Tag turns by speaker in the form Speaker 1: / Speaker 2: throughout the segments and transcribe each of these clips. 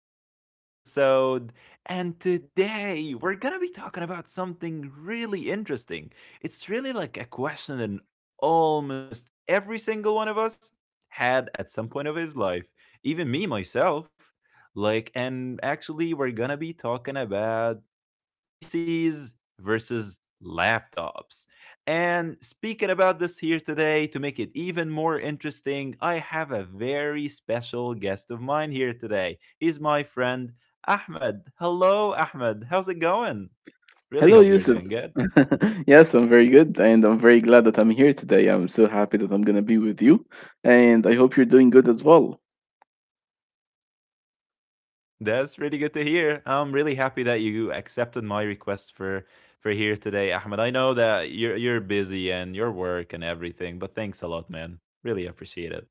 Speaker 1: in a new episode. And today we're going to be talking about something really interesting. It's really like a question that almost every single one of us had at some point of his life, even me myself. Like, and actually, we're going to be talking about PCs versus laptops. And speaking about this here today, to make it even more interesting, I have a very special guest of mine here today. He's my friend Ahmed. Hello, Ahmed. How's it going? Really
Speaker 2: Hello,
Speaker 1: hope you're
Speaker 2: Yusuf.
Speaker 1: doing good.
Speaker 2: Yes, I'm very good, and I'm very glad that I'm here today. I'm so happy that I'm gonna be with you, and I hope you're doing good as well.
Speaker 1: That's really good to hear. I'm really happy that you accepted my request for here today, Ahmed. I know that you're busy and your work and everything, but thanks a lot, man. Really appreciate it.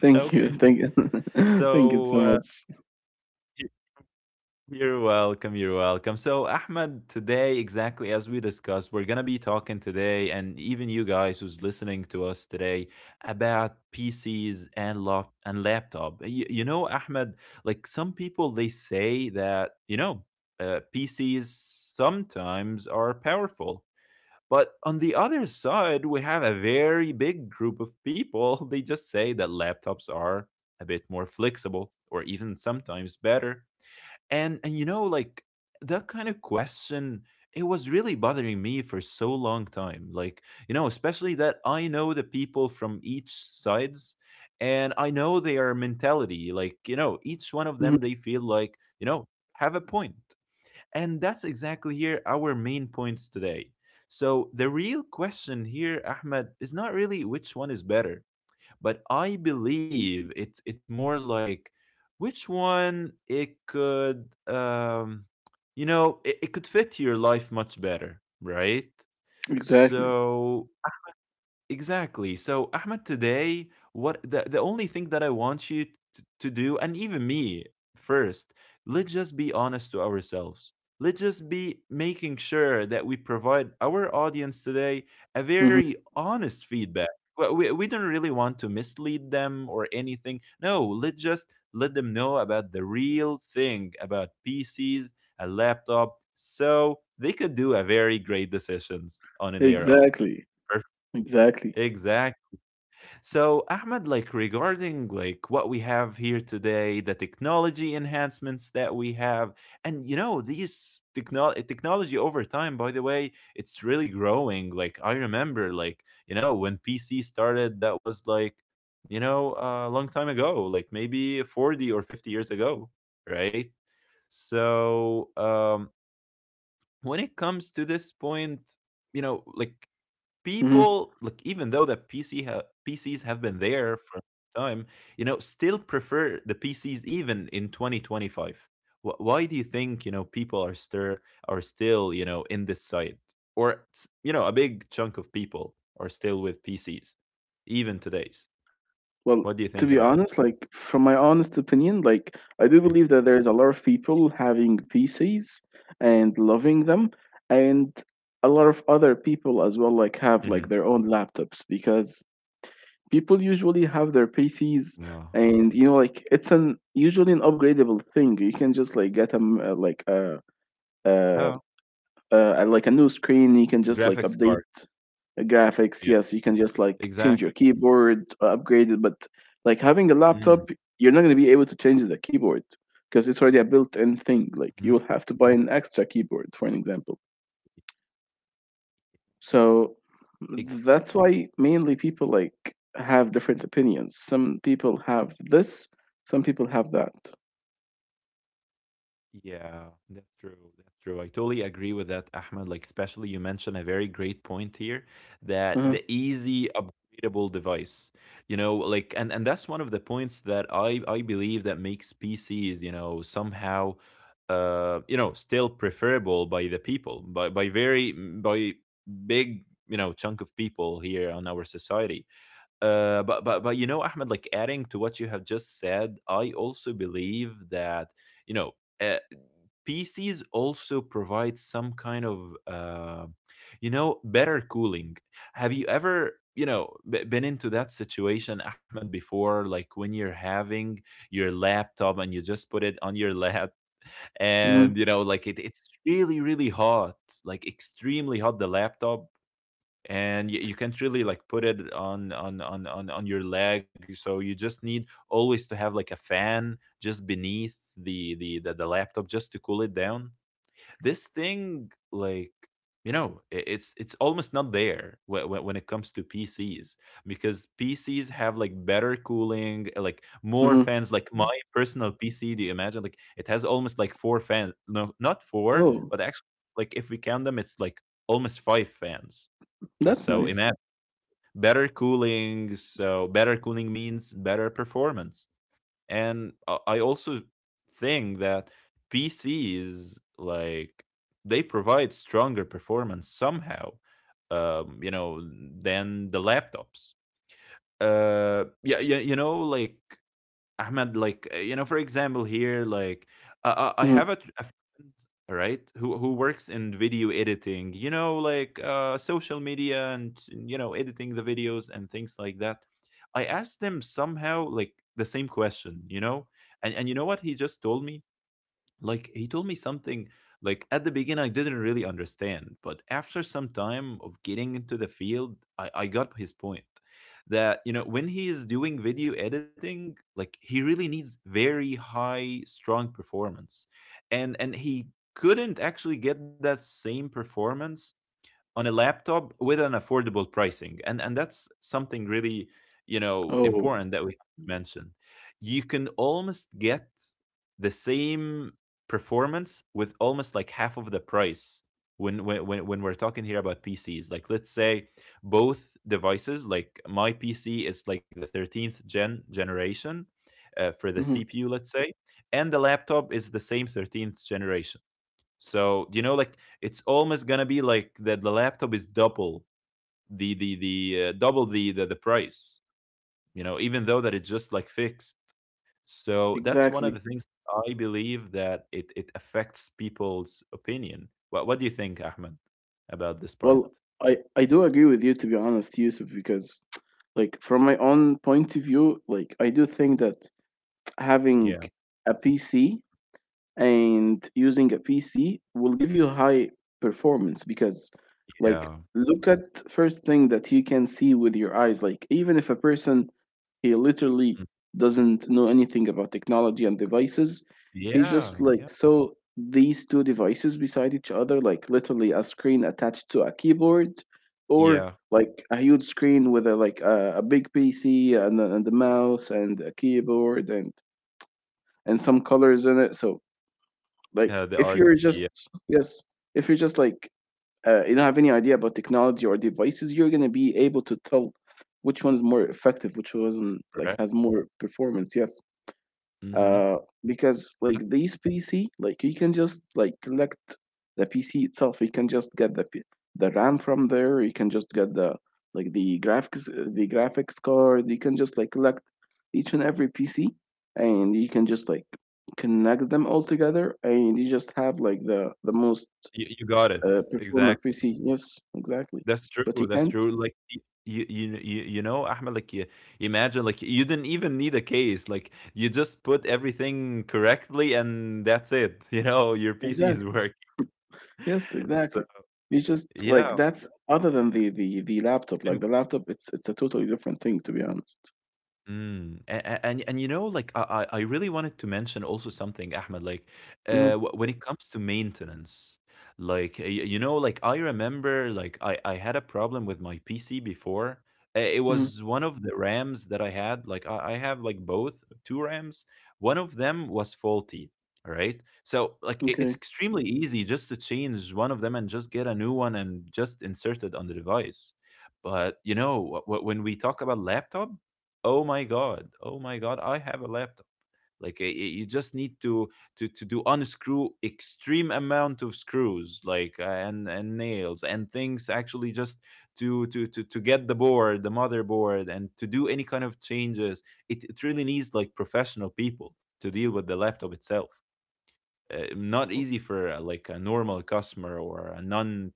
Speaker 1: Okay.
Speaker 2: Thank you, thank you
Speaker 1: So
Speaker 2: so
Speaker 1: uh,
Speaker 2: much.
Speaker 1: You're welcome. You're welcome. So, Ahmed, today, exactly as we discussed, we're going to be talking today, and even you guys who's listening to us today, about PCs and laptop. You know, Ahmed, like some people, they say that, PCs sometimes are powerful. But on the other side, we have a very big group of people. They just say that laptops are a bit more flexible or even sometimes better and like that kind of question, it was really bothering me for so long time. Like, especially that I know the people from each sides and I know their mentality. Like, each one of
Speaker 2: Mhm.
Speaker 1: them they feel like, have a point. And that's exactly here our main points today. So the real question here, Ahmed, is not really which one is better, but I believe it's more like which one it could you know it, it could fit your life much better, right?
Speaker 2: Exactly.
Speaker 1: So. Exactly. So, Ahmed, today, what the only thing that I want you to do, and even me first, let's just be honest to ourselves. Let's just be making sure that we provide our audience today a
Speaker 2: hmm
Speaker 1: very honest feedback. Well, we don't really want to mislead them or anything. No, let's just let them know about the real thing about PCs, a laptop, so they could do a very great decisions on their own.
Speaker 2: exactly,
Speaker 1: Perfect.
Speaker 2: exactly.
Speaker 1: Exactly. So, Ahmed, like regarding like what we have here today, the technology enhancements that we have, and these technology over time. By the way, it's really growing. Like I remember, like when PC started, that was like a long time ago, like maybe 40 or 50 years ago, right? So when it comes to this point, like people
Speaker 2: hmm
Speaker 1: like even though the PCs have been there for time, still prefer the PCs even in 2025. Why do you think people are still in this side, or a big chunk of people are still with PCs, even today's?
Speaker 2: Well,
Speaker 1: What do you
Speaker 2: to be
Speaker 1: think about
Speaker 2: honest,
Speaker 1: it?
Speaker 2: like from my honest opinion, like I do
Speaker 1: Mm.
Speaker 2: believe that there's a lot of people having PCs and loving them, and a lot of other people as well, like have like
Speaker 1: Mhm.
Speaker 2: their own laptops because people usually have their PCs,
Speaker 1: Yeah.
Speaker 2: and like it's an usually an upgradable thing. You can just like get them like a uh,
Speaker 1: Yeah.
Speaker 2: new screen. You can
Speaker 1: A
Speaker 2: just like
Speaker 1: graphics
Speaker 2: update
Speaker 1: card.
Speaker 2: graphics.
Speaker 1: Yeah.
Speaker 2: Yes, you can just like change
Speaker 1: Exactly.
Speaker 2: your keyboard, upgrade it. But like having a
Speaker 1: Mm-hmm.
Speaker 2: laptop, you're not going to be able to change the keyboard because it's already a built-in thing. Like you will have to buy an extra keyboard, for an example. So that's why mainly people like have different opinions. Some people have this, some people have that.
Speaker 1: Yeah, that's true. That's true. I totally agree with that, Ahmed. Like, especially you mentioned a very great point here that
Speaker 2: Uh-huh.
Speaker 1: the easy upgradable device, like, and that's one of the points that I believe that makes PCs, somehow, still preferable by the people, by very by big, chunk of people here on our society, but Ahmed, like adding to what you have just said, I also believe that you know uh, PCs also provide some kind of better cooling. Have you ever been into that situation, Ahmed, before? Like when you're having your laptop and you just put it on your lap,
Speaker 2: Mm-hmm.
Speaker 1: and like it's really really hot, like extremely hot, the laptop, and you can't really like put it on your leg, so you just need always to have like a fan just beneath the laptop just to cool it down. This thing, like it's almost not there when it comes to PCs, because PCs have like better cooling, like more
Speaker 2: Mm-hmm.
Speaker 1: fans. Like my personal PC, do you imagine, like it has almost like four fans. No, not four,
Speaker 2: Oh,
Speaker 1: but actually, like if we count them, it's like almost five fans. uh,
Speaker 2: that's
Speaker 1: So
Speaker 2: nice.
Speaker 1: imagine, better cooling. So better cooling means better performance. And I also think that PCs like they provide stronger performance somehow, um, you know, than the laptops. Yeah, yeah, like Ahmed, like for example, here, like I
Speaker 2: Mhm.
Speaker 1: have a friend, right, who works in video editing. Like social media and editing the videos and things like that. I asked them somehow like the same question, and you know what he just told me? Like he told me something, like at the beginning I didn't really understand, but after some time of getting into the field, I got his point that when he is doing video editing, like he really needs very high strong performance, and he couldn't actually get that same performance on a laptop with an affordable pricing, and that's something really
Speaker 2: Oh.
Speaker 1: important that we have to mention. You can almost get the same performance with almost like half of the price when we're talking here about PCs. Like let's say both devices, like my PC is like the 13th generation, for the
Speaker 2: hmm
Speaker 1: CPU let's say, and the laptop is the same 13th generation. So like it's almost gonna be like that. The laptop is double the double the price. Even though that it's just like fixed. So that's one of the
Speaker 2: exactly.
Speaker 1: things I believe that it affects people's opinion. What do you think, Ahmed, about this part?
Speaker 2: Well, I do agree with you, to be honest, Yusuf, because like from my own point of view, like I do think that having
Speaker 1: Yeah,
Speaker 2: a PC and using a PC will give you high performance because, like,
Speaker 1: yeah,
Speaker 2: look at first thing that you can see with your eyes. Like, even if a person he
Speaker 1: Mm.
Speaker 2: literally doesn't know anything about technology and devices, he's
Speaker 1: Yeah,
Speaker 2: just
Speaker 1: yeah,
Speaker 2: like, so, these two devices beside each other, like literally a screen attached to a keyboard, or
Speaker 1: yeah.
Speaker 2: like a huge screen with a big PC and and a mouse and a keyboard and some colors in it. So like
Speaker 1: The
Speaker 2: if you're
Speaker 1: RGB,
Speaker 2: just
Speaker 1: yeah,
Speaker 2: yes, if you're just like, you don't have any idea about technology or devices, you're gonna be able to tell which one is more effective, which one like
Speaker 1: correct.
Speaker 2: has more performance. Yes.
Speaker 1: Mm-hmm.
Speaker 2: Uh because like
Speaker 1: Yeah.
Speaker 2: these PC, like, you can just like collect the PC itself, you can just get the RAM from there, you can just get the like the graphics card, you can just like collect each and every PC, and you can just like connect them all together, and you just have like the most
Speaker 1: You got it
Speaker 2: performer
Speaker 1: exactly.
Speaker 2: PC. Yes. Exactly.
Speaker 1: That's true,
Speaker 2: But you
Speaker 1: that's
Speaker 2: can't.
Speaker 1: true. Like, y you you you you know, Ahmed, like, you imagine, like, you didn't even need a case. Like, you just put everything correctly and that's it, your PC is
Speaker 2: Exactly.
Speaker 1: working.
Speaker 2: Yes,
Speaker 1: So
Speaker 2: exactly. It's just like
Speaker 1: yeah.
Speaker 2: that's other than the laptop. Like the laptop, it's a totally different thing, to be honest.
Speaker 1: Mm. And like I really wanted to mention also something, Ahmed. Like,
Speaker 2: Mm.
Speaker 1: when it comes to maintenance, like like I remember, like I had a problem with my PC before. It
Speaker 2: Mm.
Speaker 1: was one of the RAMs that I had. Like I have like both two RAMs. One of them was faulty. All right, so like
Speaker 2: Okay.
Speaker 1: it's extremely easy just to change one of them and just get a new one and just insert it on the device. But when we talk about laptop, oh my god, oh my god, I have a laptop. Like you just need to do unscrew extreme amount of screws, like and nails and things, actually just to get the board, the motherboard, and to do any kind of changes. It really needs like professional people to deal with the laptop itself. Not easy for like a normal customer or a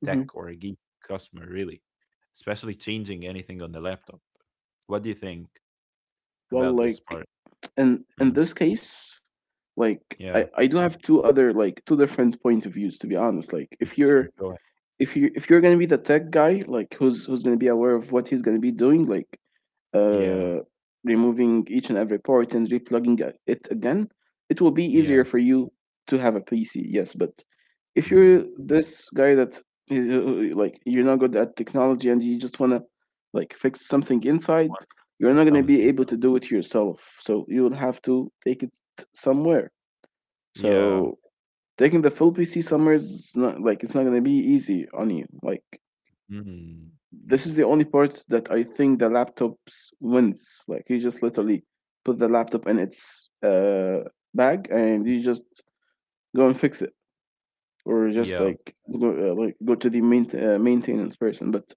Speaker 2: hmm
Speaker 1: or a geek customer, really. Especially changing anything on the laptop. What do you think
Speaker 2: Well,
Speaker 1: about this
Speaker 2: like
Speaker 1: part?
Speaker 2: in
Speaker 1: Mhm.
Speaker 2: this case, like I
Speaker 1: Yeah.
Speaker 2: I do have two other like two different point of views, to be honest. Like
Speaker 1: Yeah,
Speaker 2: if
Speaker 1: sure,
Speaker 2: you're
Speaker 1: go ahead.
Speaker 2: if you if you're gonna be the tech guy, like who's gonna be aware of what he's gonna be doing, like,
Speaker 1: Yeah.
Speaker 2: uh, removing each and every part and replugging it again, it will be
Speaker 1: Yeah.
Speaker 2: easier for you to have a PC. Yes, but if
Speaker 1: Mm.
Speaker 2: you're this guy that, like, you're not good at technology and you just wanna like fix something inside,
Speaker 1: Want
Speaker 2: you're not gonna be
Speaker 1: something.
Speaker 2: able to do it yourself. So you will have to take it somewhere.
Speaker 1: Yeah.
Speaker 2: So taking the full PC somewhere is not like it's not gonna be easy on you. Like
Speaker 1: Mm.
Speaker 2: this is the only part that I think the laptops wins. Like you just literally put the laptop in its bag and you just go and fix it, or just
Speaker 1: Yeah.
Speaker 2: like go to the main maintenance person. But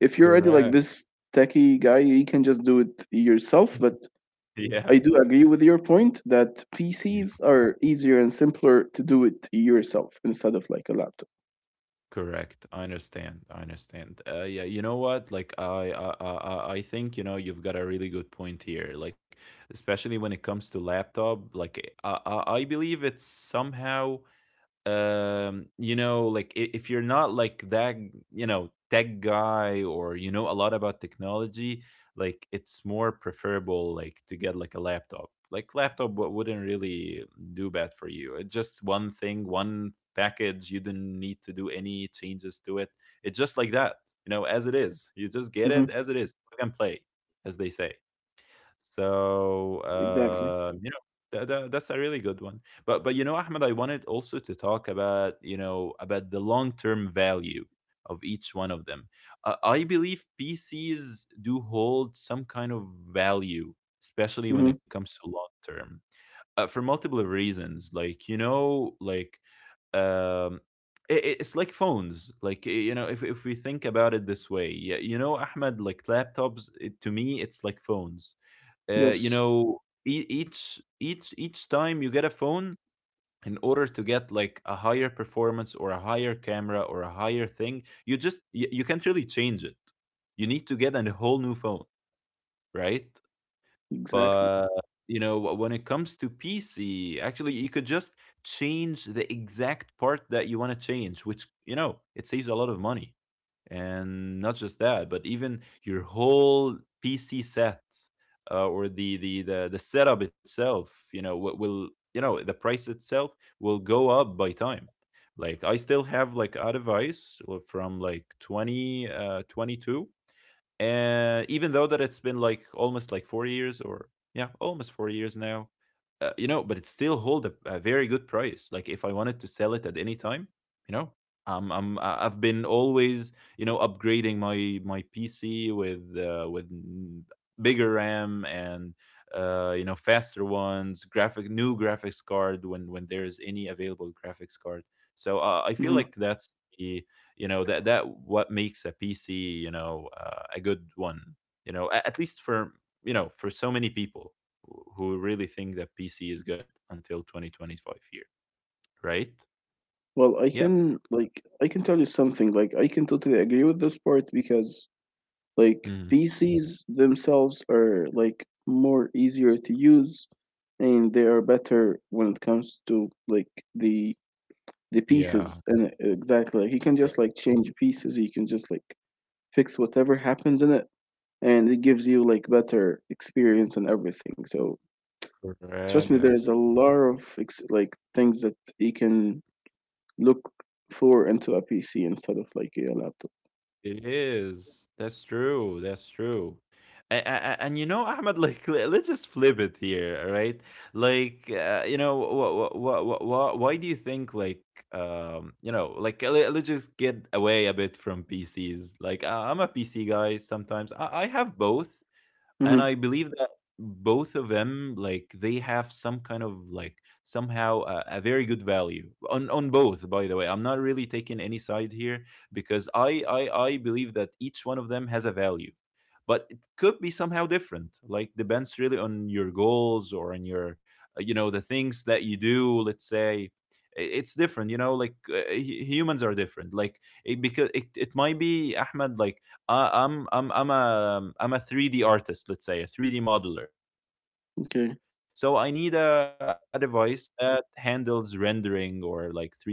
Speaker 2: if you're already like
Speaker 1: Correct.
Speaker 2: this techie guy, you can just do it yourself. But
Speaker 1: Yeah.
Speaker 2: I do agree with your point that
Speaker 1: Yeah.
Speaker 2: PCs are easier and simpler to do it yourself instead of like a laptop.
Speaker 1: Correct. I understand, I understand. Yeah, you know what? Like, I think, you've got a really good point here. Like, especially when it comes to laptop, like, I believe it's somehow, like if you're not like that tech guy, or you know a lot about technology, like it's more preferable like to get like a laptop. Like laptop wouldn't really do bad for you. It's just one thing, one package, you didn't need to do any changes to it. It's just like that, as it is. You just get it
Speaker 2: Hmm.
Speaker 1: as it is, plug and play, as they say. So
Speaker 2: Exactly.
Speaker 1: that's a really good one. But you know, Ahmed, I wanted also to talk about, about the long term value of each one of them. I believe PCs do hold some kind of value, especially when
Speaker 2: Hmm.
Speaker 1: it comes to long term, for multiple reasons. Like like um, it's like phones. Like if we think about it this way, yeah, Ahmed, like laptops. It, to me, it's like phones.
Speaker 2: Yes,
Speaker 1: Each time you get a phone, in order to get like a higher performance or a higher camera or a higher thing, you, you can't really change it. You need to get a whole new phone, right?
Speaker 2: exactly.
Speaker 1: But when it comes to PC, actually you could just change the exact part that you want to change, which it saves a lot of money. And not just that, but even your whole PC set, or the setup itself, will, the price itself will go up by time. Like I still have like a device, from like 20 22, and even though that it's been like almost like 4 years, or yeah, almost 4 years now, but it still hold a very good price, like if I wanted to sell it at any time, you know. I've been always upgrading my PC with bigger RAM, and faster ones graphic, new graphics card, when there's any available graphics card. So, I feel
Speaker 2: hmm
Speaker 1: like that's the, that what makes a PC, a good one, at least for, for so many people who really think that PC is good until 2025 year, right?
Speaker 2: Well, I
Speaker 1: Yeah.
Speaker 2: can, like, I can tell you something. Like I can totally agree with this part because, like,
Speaker 1: Mhm.
Speaker 2: PCs themselves are like more easier to use, and they are better when it comes to like the the
Speaker 1: Yeah.
Speaker 2: pieces, and exactly like, you can just like change pieces, you can just like fix whatever happens in it, and it gives you like better experience and everything. So trust me,
Speaker 1: Correct.
Speaker 2: there's a lot of like things that you can look for into a PC instead of like a laptop.
Speaker 1: It is. That's true. That's true. And, Ahmed, like let's just flip it here, all right? Like, why do you think, like, like let's just get away a bit from PCs. Like, I'm a PC guy. Sometimes I have both,
Speaker 2: Hmm.
Speaker 1: and I believe that both of them, like, they have some kind of, like, somehow, a very good value on both. By the way, I'm not really taking any side here, because I believe that each one of them has a value, but it could be somehow different, like depends really on your goals or on your, the things that you do, let's say. It's different, like, humans are different, like it, because it might be, Ahmed, like, I'm a, I'm a 3D artist, let's say, a 3D modeler. So I need a,
Speaker 2: Okay.
Speaker 1: a device that handles rendering or like 3D modeling very good.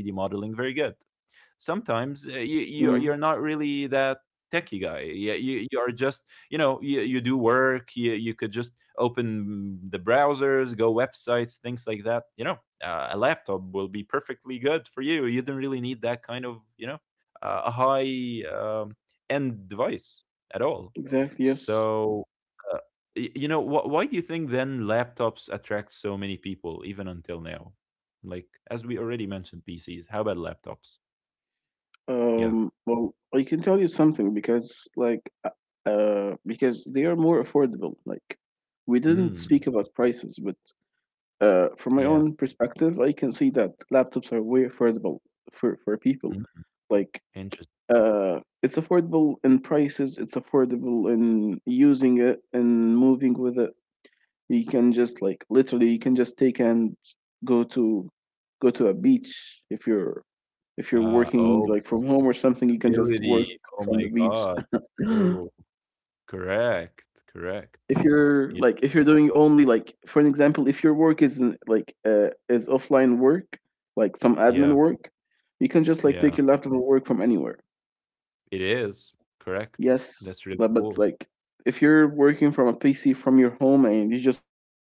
Speaker 1: Sometimes, you're not really that
Speaker 2: Hmm.
Speaker 1: techie guy. Yeah, you are just, you do work. You could just open the browsers, go websites, things like that. A laptop will be perfectly good for you. You don't really need that kind of, a high, end device at all.
Speaker 2: Exactly. Yes.
Speaker 1: So. Uh, why do you think then laptops attract so many people even until now? Like, as we already mentioned, PCs. How about laptops? Yeah.
Speaker 2: Well, I can tell you something because, like, because they are more affordable. Like, we didn't speak
Speaker 1: Mm.
Speaker 2: about prices, but from my
Speaker 1: Yeah.
Speaker 2: own perspective, I can see that laptops are way affordable for people.
Speaker 1: Mm.
Speaker 2: Like,
Speaker 1: Interesting.
Speaker 2: it's affordable in prices. It's affordable in using it and moving with it. You can just like literally, you can just take, and go to go to a beach, if you're working
Speaker 1: Oh,
Speaker 2: like from home or something, you can just work
Speaker 1: portability. Oh
Speaker 2: from the
Speaker 1: my
Speaker 2: beach.
Speaker 1: God. Oh, correct.
Speaker 2: If
Speaker 1: Correct.
Speaker 2: you're
Speaker 1: Yeah.
Speaker 2: like, if you're doing only, like, for an example, if your work is like, is offline work, like some admin
Speaker 1: Yeah.
Speaker 2: work, you can just like take
Speaker 1: Yeah.
Speaker 2: your laptop and work from anywhere.
Speaker 1: It is. Correct.
Speaker 2: Yes,
Speaker 1: That's really
Speaker 2: but,
Speaker 1: cool.
Speaker 2: like, if you're working from a PC from your home and you just want to,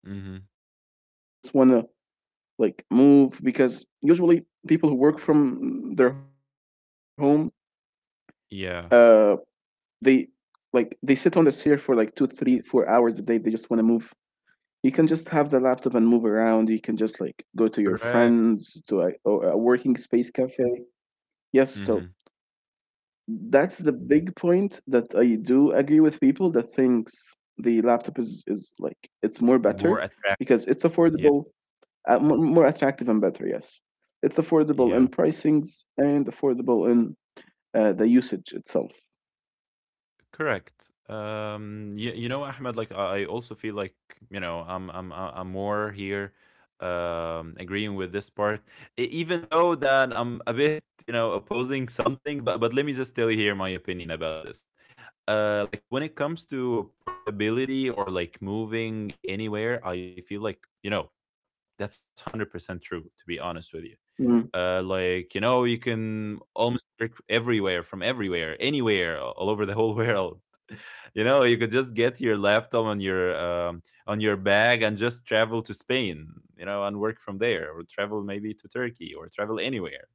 Speaker 2: like,
Speaker 1: Mm-hmm.
Speaker 2: move because usually people who work from their home, uh they they
Speaker 1: Yeah.
Speaker 2: sit on the chair for like 2, 3, 4 hours a day, they just want to move. You can just have the laptop and move around, you can just like go to your friends, to a,
Speaker 1: Correct.
Speaker 2: a working space cafe. Yes, so
Speaker 1: Mm-hmm.
Speaker 2: that's the big point that I do agree with people that thinks the laptop is like, it's more better
Speaker 1: More attractive.
Speaker 2: because it's
Speaker 1: Yeah.
Speaker 2: affordable, more attractive and better. Yes, it's affordable
Speaker 1: Yeah.
Speaker 2: in pricings and affordable in the usage itself.
Speaker 1: Correct. You know, Ahmed, like I also feel like, I'm more here, agreeing with this part. Even though that I'm a bit, opposing something. But let me just tell you here my opinion about this. Like when it comes to portability or like moving anywhere, I feel like, that's 100% true. To be honest with you,
Speaker 2: Mm.
Speaker 1: like, you can almost work everywhere, from everywhere, anywhere, all over the whole world. You could just get your laptop on your, on your bag and just travel to Spain, and work from there, or travel maybe to Turkey, or travel anywhere,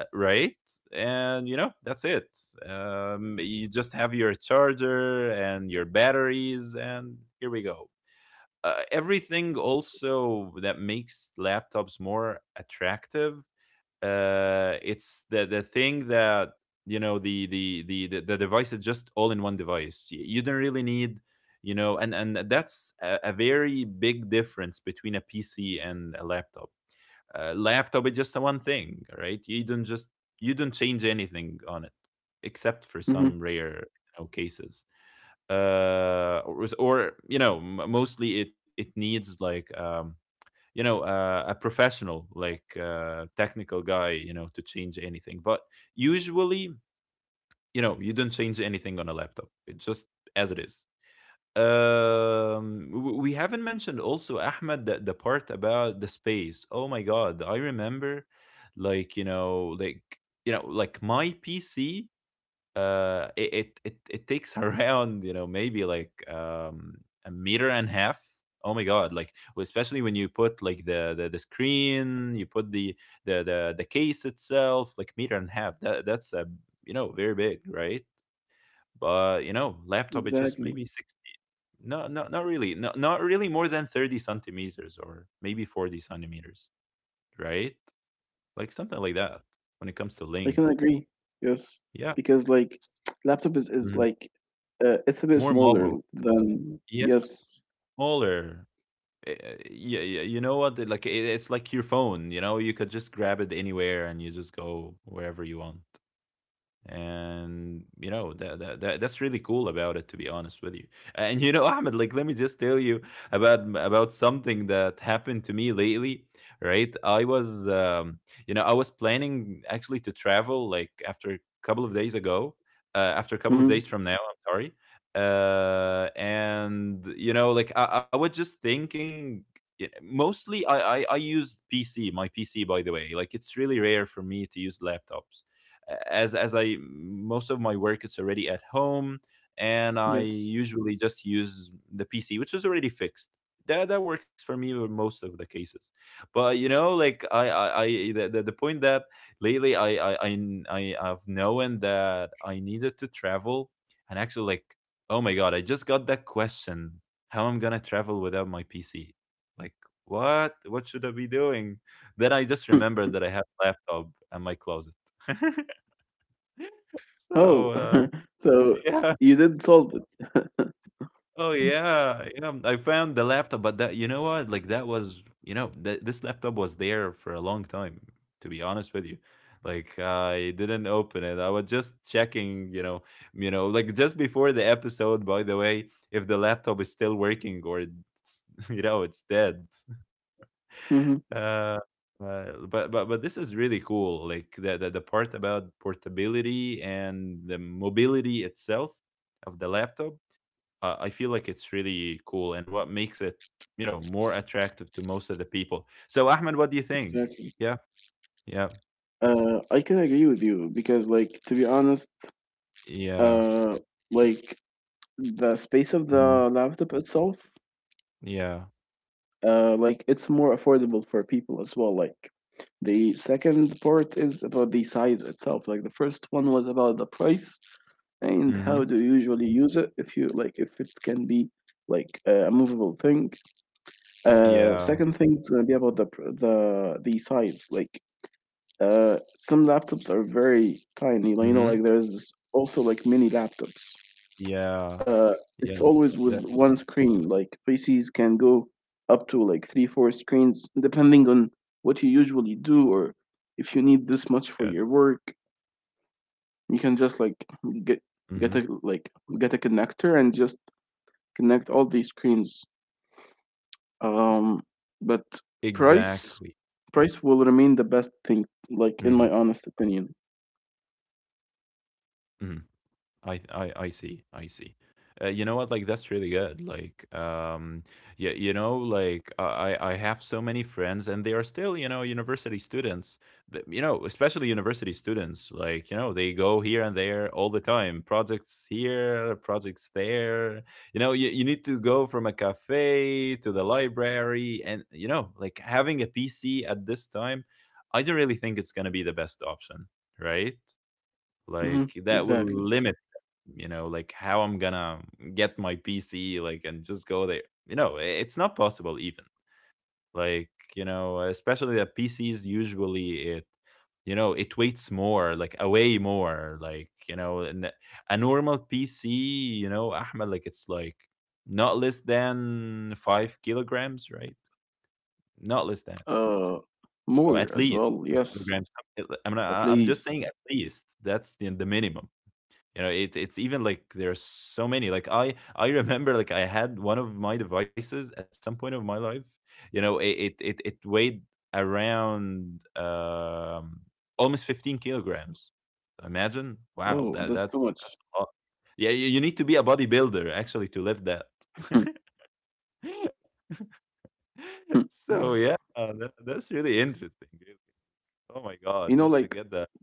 Speaker 1: right. And that's it. You just have your charger and your batteries and here we go. Everything also that makes laptops more attractive, it's the thing that, the device is just all in one device. You don't really need, and that's a very big difference between a PC and a laptop. Laptop is just a one thing, right? You don't change anything on it, except for some
Speaker 2: Hmm.
Speaker 1: rare, you know, cases, or, mostly it needs, like, a professional, like, technical guy, you know, to change anything. But usually, you don't change anything on a laptop, it's just as it is. We haven't mentioned also, Ahmed, the part about the space. Oh my God, I remember, like, like, like my PC, it takes around, maybe like, a meter and a half. Oh my God, like especially when you put, like, the screen, you put the, the case itself, like meter and a half. That's a, very big, right? But, laptop is just
Speaker 2: Exactly.
Speaker 1: maybe 60, no, no, not really, no, not really more than 30 centimeters or maybe 40 centimeters, right, like something like that, when it comes to
Speaker 2: I can
Speaker 1: length.
Speaker 2: agree. Yes,
Speaker 1: Yeah.
Speaker 2: because like laptop is
Speaker 1: Mhm.
Speaker 2: like, it's a bit
Speaker 1: More
Speaker 2: smaller
Speaker 1: mobile.
Speaker 2: than,
Speaker 1: Yeah.
Speaker 2: yes.
Speaker 1: Smaller. Uh, yeah, yeah, you know what? Like it's like your phone. You know, you could just grab it anywhere and you just go wherever you want, and that's really cool about it, to be honest with you. And Ahmed, like, let me just tell you about something that happened to me lately. Right, I was I was planning, actually, to travel like after a couple of days ago. After a couple of days
Speaker 2: Hmm.
Speaker 1: from now, I'm sorry. And like I was just thinking, mostly I used PC, my PC, by the way. Like, it's really rare for me to use laptops, as I most of my work, it's already at home, and I
Speaker 2: Yes.
Speaker 1: usually just use the PC, which is already fixed. That works for me with most of the cases. But, like I the point that lately I have known that I needed to travel, and actually, like, oh my God, I just got that question: how I'm gonna travel without my PC? Like, what? What should I be doing? Then I just remembered that I have laptop and my closet. So,
Speaker 2: Oh, so
Speaker 1: yeah.
Speaker 2: you did solve it.
Speaker 1: Oh,
Speaker 2: Mm.
Speaker 1: yeah. You know, I found the laptop, but that, you know what? Like, that was, this laptop was there for a long time, to be honest with you. Like, I didn't open it. I was just checking, like just before the episode, by the way, if the laptop is still working, or it's, it's dead.
Speaker 2: Hmm.
Speaker 1: Uh, but this is really cool. Like the part about portability and the mobility itself of the laptop, I feel like it's really cool and what makes it, you know, more attractive to most of the people. So, Ahmed, what do you think?
Speaker 2: Exactly.
Speaker 1: Yeah, yeah,
Speaker 2: I could agree with you because, like, to be honest,
Speaker 1: yeah.
Speaker 2: uh, like the space of the
Speaker 1: Mhm.
Speaker 2: laptop itself,
Speaker 1: Yeah.
Speaker 2: like it's more affordable for people as well. Like, the second part is about the size itself. Like, the first one was about the price, and how do you
Speaker 1: Hmm,
Speaker 2: usually use it, if you like, if it can be like a movable thing. Second
Speaker 1: yeah.
Speaker 2: thing is going to be about the the size. Like, some laptops are very tiny, like, you know, like,
Speaker 1: Hmm,
Speaker 2: there's also like mini laptops. uh
Speaker 1: yeah,
Speaker 2: it's always
Speaker 1: yeah. th-
Speaker 2: with
Speaker 1: th-
Speaker 2: one
Speaker 1: That's
Speaker 2: screen, like PCs can go up to like three four screens depending on what you usually do,
Speaker 1: good.
Speaker 2: or if you need this much for your work, you can
Speaker 1: Hmm.
Speaker 2: just like get get a like get a connector and just connect all these screens. Um, but
Speaker 1: Exactly.
Speaker 2: price price will remain the best
Speaker 1: Hmm.
Speaker 2: thing, like, in my honest opinion.
Speaker 1: Hmm. I see. I see. You know what? Like, that's really good. Like, yeah, you know, like I have so many friends, and they are still, university students. But, you know, especially university students. Like, they go here and there all the time. Projects here, projects there. You know, you need to go from a cafe to the library, and like having a PC at this time, I don't really think it's gonna be the best option, right? Like,
Speaker 2: Hmm.
Speaker 1: that will
Speaker 2: Exactly.
Speaker 1: limit, you know, like, how I'm gonna get my PC, like, and just go there. You know, I it's not possible even. Like, you know, especially that PCs usually it, it weights more, like, away more, like, you know, and a normal PC, you know, Ahmed, like, it's like not less than 5 kilograms, right? Not less than,
Speaker 2: Uh,
Speaker 1: oh, at
Speaker 2: More
Speaker 1: least
Speaker 2: as well.
Speaker 1: five
Speaker 2: Yes,
Speaker 1: kilograms. I'm not-
Speaker 2: at
Speaker 1: I'm just saying
Speaker 2: least.
Speaker 1: at least that's the minimum. You know, it's even like there's so many. Like I remember, like, I had one of my devices at some point of my life. You know, it weighed around almost 15 kilograms. Imagine. Wow,
Speaker 2: Oh,
Speaker 1: that
Speaker 2: that's too
Speaker 1: that's
Speaker 2: much.
Speaker 1: that's a lot. Yeah, you need to be a bodybuilder actually to lift that. So yeah, that's really interesting, really. Oh my
Speaker 2: You
Speaker 1: god,
Speaker 2: know,
Speaker 1: just to
Speaker 2: like
Speaker 1: get that.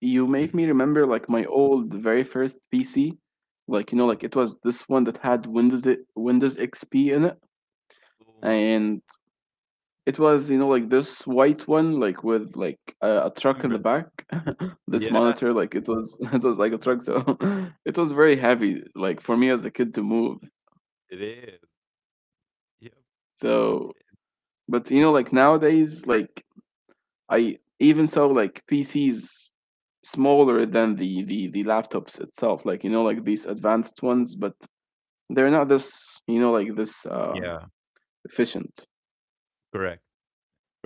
Speaker 2: you make me
Speaker 1: Mhm.
Speaker 2: remember, like, my old very first PC. Like, you know, like, it
Speaker 1: Yeah.
Speaker 2: was this one that had Windows XP in it,
Speaker 1: Oh my god.
Speaker 2: and it was, like this white one, like, with, like, a truck in the
Speaker 1: Remember.
Speaker 2: back. This
Speaker 1: Yeah,
Speaker 2: monitor, like, it was, it was like a truck, so, it was very heavy, like, for me as a kid to move.
Speaker 1: it is. Yep.
Speaker 2: So, but like nowadays, like, I even so, like, PCs smaller than the laptops itself, like, like these advanced ones,
Speaker 1: Oh,
Speaker 2: but they're not this, like this,
Speaker 1: yeah.
Speaker 2: efficient.
Speaker 1: Correct,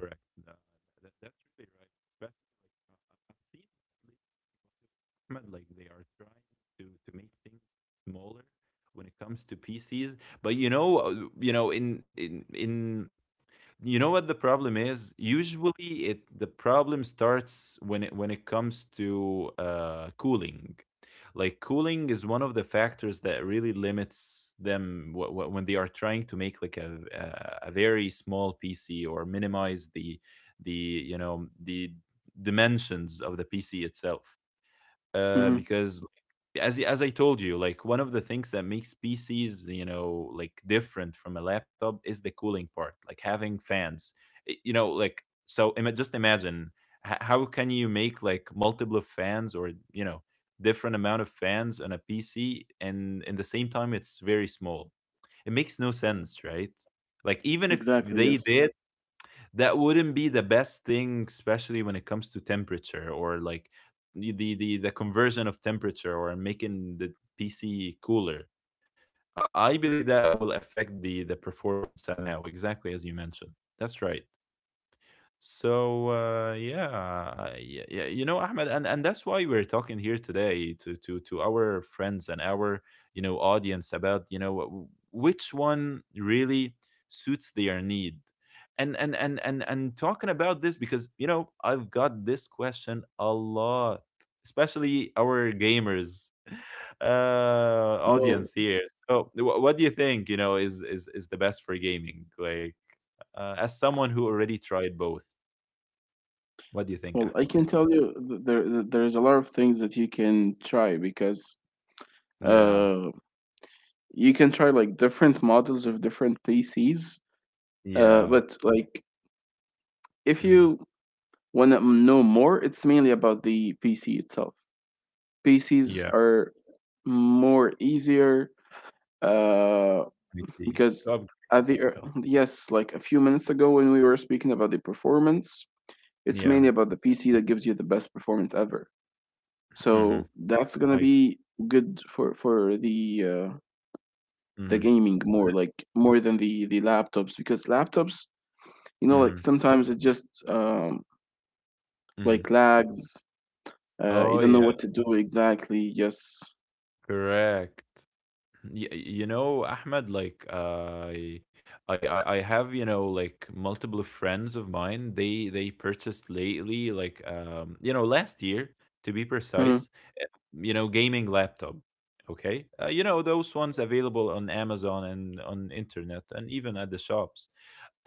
Speaker 1: correct. Uh, that's really right. Especially like I've seen that lately, in Ahmed, like they are trying to make things smaller when it comes to PCs. But you know, in you know what the problem is? Usually it the problem starts when it comes to cooling. Like cooling is one of the factors that really limits them when they are trying to make like a very small PC, or minimize the, you know, the dimensions of the PC itself. Uh,
Speaker 2: Hmm.
Speaker 1: because like, as I told you, like one of the things that makes PCs, you know, like different from a laptop is the cooling part, like having fans. You know, like, so, just imagine how can you make like multiple fans, or, you know, different amount of fans on a PC, and in the same time it's very small. It makes no sense, right? Like even if
Speaker 2: Exactly.
Speaker 1: they
Speaker 2: Yes.
Speaker 1: did, that wouldn't be the best thing, especially when it comes to temperature, or like the conversion of temperature, or making the PC cooler. Uh, I believe that will affect the performance somehow, exactly as you mentioned. That's right. So yeah, yeah, you know, Ahmed, and that's why we're talking here today to our friends and our, you know, audience about, you know, which one really suits their need, and talking about this because, you know, I've got this question a lot, especially our gamers. Uh,
Speaker 2: Oh,
Speaker 1: audience here. So what do you think, you know, is the best for gaming? Like, as someone who already tried both, what do you think?
Speaker 2: well,
Speaker 1: Ah.
Speaker 2: I can tell you, there's a lot of things that you can try because,
Speaker 1: Yeah,
Speaker 2: uh you can try like different models of different PCs,
Speaker 1: yeah.
Speaker 2: but, like, if
Speaker 1: Mhm.
Speaker 2: you want to know more, it's mainly about the PC itself. PCs
Speaker 1: Yeah,
Speaker 2: are more easier, uh,
Speaker 1: I see.
Speaker 2: because,
Speaker 1: To upgrade,
Speaker 2: at the
Speaker 1: yeah.
Speaker 2: yes, like, a few minutes ago, when we were speaking about the performance, it's
Speaker 1: Yeah,
Speaker 2: mainly about the PC that gives you the best performance ever.
Speaker 1: mhm.
Speaker 2: So that's gonna
Speaker 1: I.
Speaker 2: be good for the
Speaker 1: Mhm,
Speaker 2: gaming, more like, more than the laptops, because laptops, like,
Speaker 1: mhm,
Speaker 2: sometimes it just,
Speaker 1: mhm.
Speaker 2: like, lags. You
Speaker 1: Oh,
Speaker 2: don't know
Speaker 1: yeah,
Speaker 2: what to do exactly. Yes.
Speaker 1: correct. Y You know, Ahmed, like, I have, you know, like, multiple friends of mine. They purchased lately, like, you know, last year, to be
Speaker 2: Mm.
Speaker 1: precise, uh, you know, gaming laptop. Okay? You know, those ones available on Amazon and on internet and even at the shops.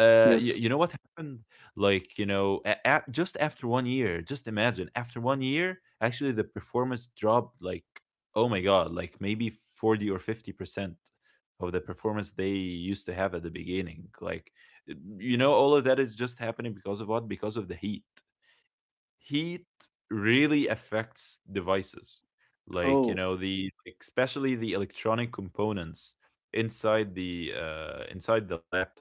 Speaker 2: Yes.
Speaker 1: You know what happened? Like, you know, just after 1 year, just imagine, after 1 year, actually the performance dropped, like, oh my God, like maybe 40 or 50% of the performance they used to have at the beginning. Like, you know, all of that is just happening because of what? Because of the heat. Heat really affects devices. Like, you
Speaker 2: Oh.
Speaker 1: know, the, especially the electronic components inside the laptop.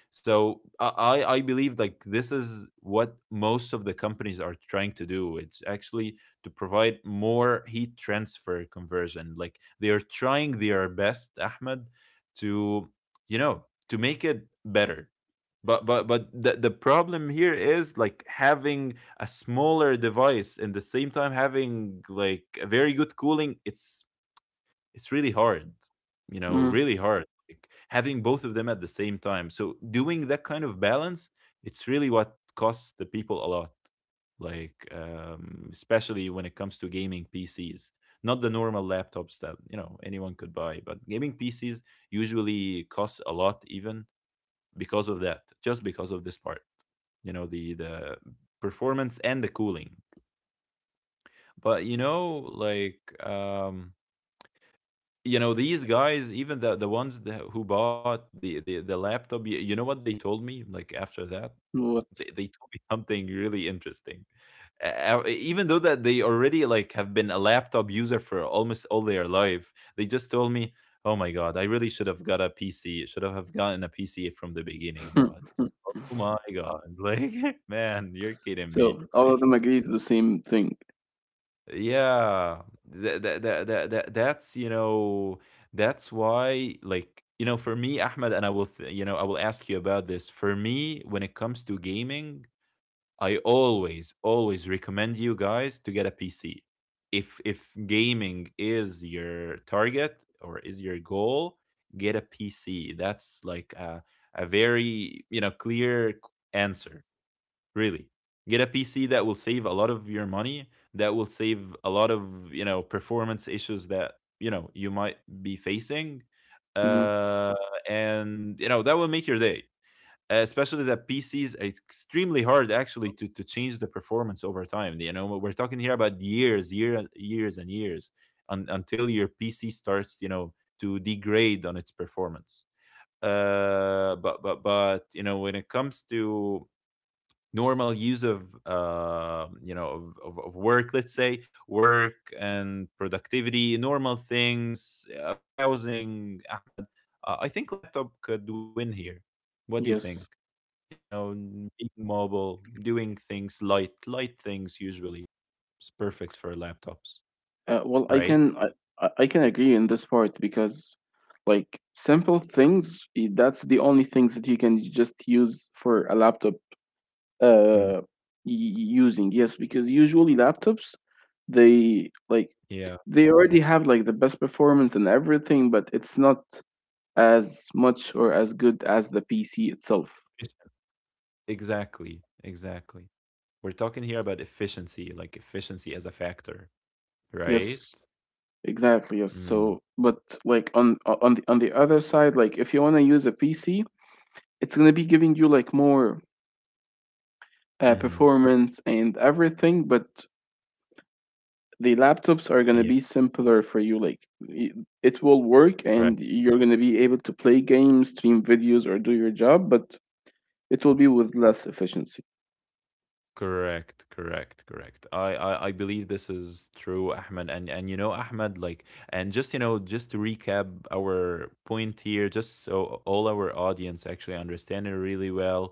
Speaker 1: So I believe like this is what most of the companies are trying to do. It's actually to provide more heat transfer conversion. Like they are trying their best, Ahmed, to, you know, to make it better. But the problem here is, like, having a smaller device and the same time having like a very good cooling. It's really hard, you know,
Speaker 2: Mm.
Speaker 1: really hard. Like having both of them at the same time. So doing that kind of balance, it's really what costs the people a lot. Like, especially when it comes to gaming PCs, not the normal laptops that, you know, anyone could buy, but gaming PCs usually costs a lot even because of that, just because of this part. You know, the performance and the cooling. But you know, like, um you know, these guys, even the ones that, who bought the laptop, you know what they told me, like, after that,
Speaker 2: What?
Speaker 1: they told me something really interesting. Even though that they already, like, have been a laptop user for almost all their life, they just told me, "Oh my god, I really should have got a PC. Should have gotten a PC from the beginning." But oh my god, like, man, you're kidding me.
Speaker 2: So all of them agree to the same thing.
Speaker 1: Yeah, that's you know, that's why, like, you know, for me, Ahmed, and you know, I will ask you about this. For me, when it comes to gaming, I always, always recommend you guys to get a PC. If gaming is your target or is your goal, get a PC. That's like a very, you know, clear answer, really. Get a PC that will save a lot of your money, that will save a lot of, you know, performance issues that, you know, you might be facing.
Speaker 2: Hmm.
Speaker 1: Uh, and you know, that will make your day, especially that PCs are extremely hard actually to change the performance over time. You know, we're talking here about years, year, years and years, until your PC starts, you know, to degrade on its performance. But you know, when it comes to normal use of work, let's say work and productivity, normal things, browsing, Ahmed, I think laptop could win here. What do you think?
Speaker 2: Yes.
Speaker 1: You know, being mobile, doing things light, light things usually is perfect for laptops,
Speaker 2: Well, I
Speaker 1: right?
Speaker 2: can I, I I can agree in this part because, like, simple things. That's the only things that you can just use for a laptop.
Speaker 1: Mm.
Speaker 2: Uh, y- using, yes, because usually laptops, they like
Speaker 1: Yeah,
Speaker 2: they already have like the best performance and everything, but it's not as much or as good as the PC itself.
Speaker 1: efficient. Exactly, exactly. We're talking here about efficiency, like efficiency as a factor, right?
Speaker 2: Yes. Exactly. Yes.
Speaker 1: Mm.
Speaker 2: So, but, like, on the other side, like, if you want to use a PC, it's gonna be giving you like more
Speaker 1: Hmm.
Speaker 2: performance and everything, but the laptops are
Speaker 1: Yeah,
Speaker 2: gonna be simpler for you. Like, it will work,
Speaker 1: right.
Speaker 2: and you're gonna be able to play games, stream videos, or do your job, but it will
Speaker 1: Mm-hmm.
Speaker 2: be with less efficiency.
Speaker 1: Correct, correct, correct. I believe this is true, Ahmed. And you know, Ahmed, like, and just, you know, just to recap our point here, just so all our audience actually understand it really well.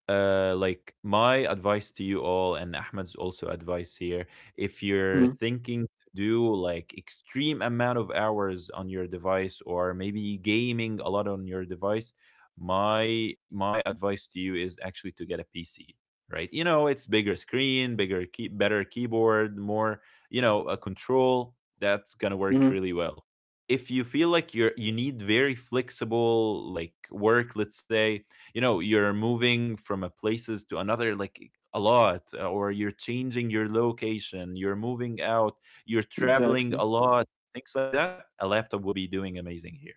Speaker 1: Like, my advice to you all, and Ahmed's also advice here. If you're
Speaker 2: Mm-hmm.
Speaker 1: thinking to do like extreme amount of hours on your device, or maybe gaming a lot on your device, my advice to you is actually to get a PC, right? You know, it's bigger screen, bigger key, better keyboard, more, you know, a control that's going to work
Speaker 2: Mm-hmm.
Speaker 1: really well. If you feel like you need very flexible, like, work, let's say, you know, you're moving from a places to another, like, a lot, or you're changing your location, you're moving out, you're traveling
Speaker 2: Exactly.
Speaker 1: a lot, things like that, a laptop will be doing amazing here.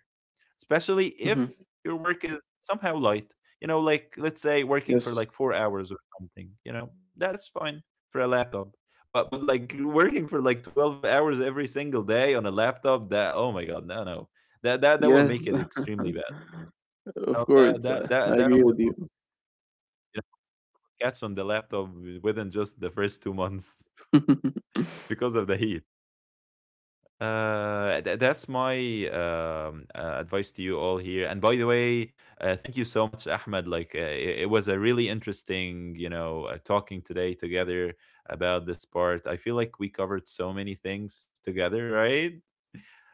Speaker 1: Especially
Speaker 2: Hmm.
Speaker 1: if your work is somehow light. You know, like, let's say, working for
Speaker 2: Yes.
Speaker 1: like 4 hours something. You know, that that's fine for a laptop. But like, working for like 12 hours every single day on a laptop, that, oh my god, no, no. That will
Speaker 2: Yes,
Speaker 1: make it extremely bad.
Speaker 2: of
Speaker 1: No,
Speaker 2: course.
Speaker 1: that that
Speaker 2: I
Speaker 1: that that
Speaker 2: agree with
Speaker 1: will, you know, catch on the laptop, within just the first 2 months,
Speaker 2: you.
Speaker 1: because of the heat. That's my advice to you all here. And by the way, thank you so much, Ahmed. Like, it was a really interesting, you know, talking today together about this part. I feel like we covered so many things together, right?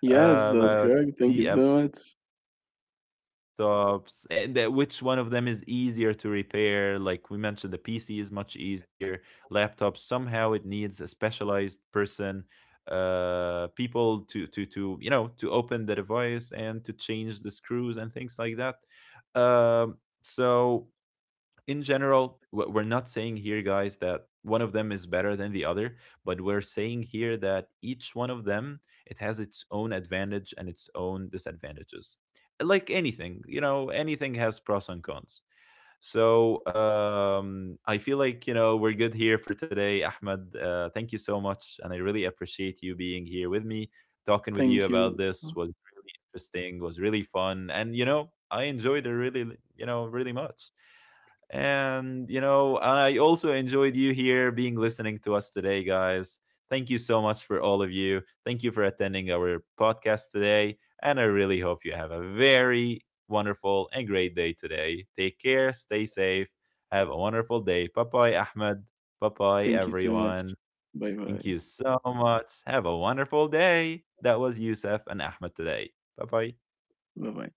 Speaker 2: that's
Speaker 1: About
Speaker 2: correct. Thank
Speaker 1: the
Speaker 2: you so much.
Speaker 1: laptops, and that, which one of them is easier to repair. Like we mentioned, the PC is much easier. Laptops, somehow it needs a specialized person, uh, people to you know, to open the device and to change the screws and things like that. um so, in general, we're not saying here, guys, that one of them is better than the other, but we're saying here that each one of them, it has its own advantage and its own disadvantages. Like anything, you know, anything has pros and cons. So, I feel like, you know, we're good here for today, Ahmed. Thank you so much, and I really appreciate you being here with me. Talking with you
Speaker 2: Thank
Speaker 1: about
Speaker 2: you.
Speaker 1: this was really interesting, was really fun, and you know, I enjoyed it really, you know, really much. And you know, I also enjoyed you here being listening to us today, guys. Thank you so much for all of you. Thank you for attending our podcast today. And I really hope you have a very wonderful and great day today. Take care, stay safe, have a wonderful day. Bye bye, Ahmed. Bye bye,
Speaker 2: Thank you so much.
Speaker 1: everyone.
Speaker 2: Bye
Speaker 1: Thank
Speaker 2: bye.
Speaker 1: you so much. Have a wonderful day. That was Yusuf and Ahmed today. Bye bye.
Speaker 2: Bye bye.